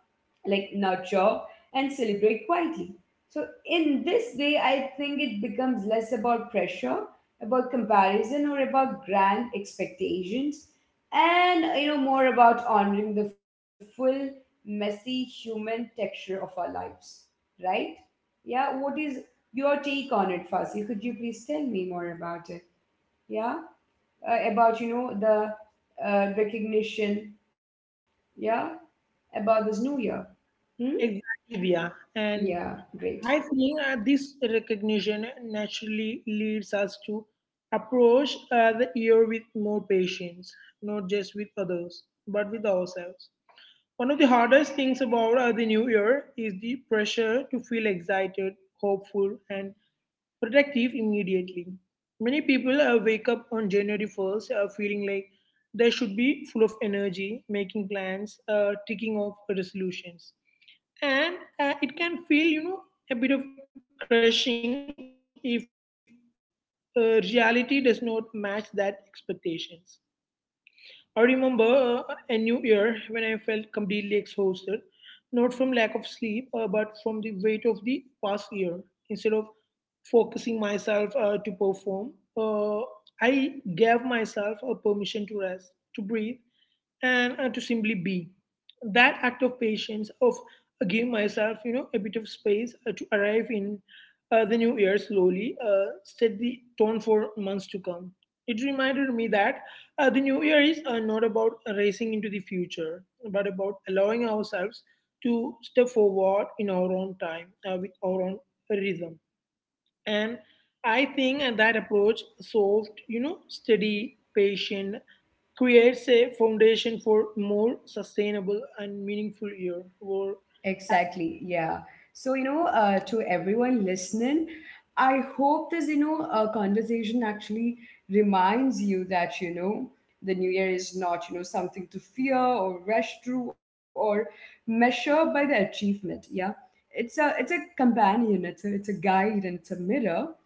S1: like nurture and celebrate quietly. So in this way, I think it becomes less about pressure, about comparison, or about grand expectations, and, more about honoring the full, messy human texture of our lives, right? Yeah. What is your take on it, Fasil? Could you please tell me more about it? Yeah. About, the recognition, yeah, about this new year. Hmm.
S2: Exactly, Via. And
S1: Yeah, great.
S2: I think this recognition naturally leads us to approach the year with more patience, not just with others, but with ourselves. One of the hardest things about the new year is the pressure to feel excited, hopeful, and productive immediately. Many people wake up on January 1st feeling like they should be full of energy, making plans, ticking off resolutions. And it can feel, a bit of crushing if reality does not match that expectations. I remember a new year when I felt completely exhausted, not from lack of sleep, but from the weight of the past year. Instead of focusing myself to perform, uh, I gave myself a permission to rest, to breathe, and to simply be. That act of patience, of giving myself, a bit of space to arrive in the new year slowly, set the tone for months to come. It reminded me that the new year is not about racing into the future, but about allowing ourselves to step forward in our own time with our own rhythm, and I think that approach, soft, steady, patient, creates a foundation for more sustainable and meaningful year where
S1: Exactly. Yeah. So, to everyone listening, I hope this, conversation actually reminds you that, the new year is not, something to fear or rush through or measure by the achievement. Yeah. It's a, companion, it's a guide, and it's a mirror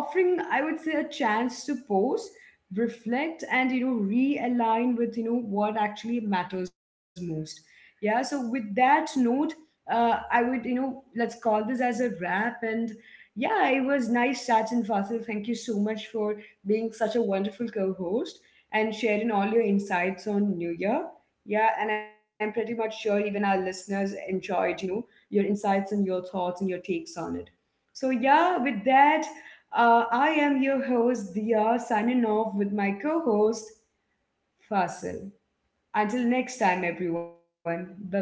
S1: offering, I would say, a chance to pause, reflect, and, realign with, what actually matters most. Yeah. So with that note, I would, let's call this as a wrap. And yeah, it was nice chatting, Fasil. Thank you so much for being such a wonderful co-host and sharing all your insights on New Year. Yeah, and I'm pretty much sure even our listeners enjoyed, your insights and your thoughts and your takes on it. So yeah, with that, I am your host, Dia, signing off with my co host, Fasil. Until next time, everyone. Bye bye.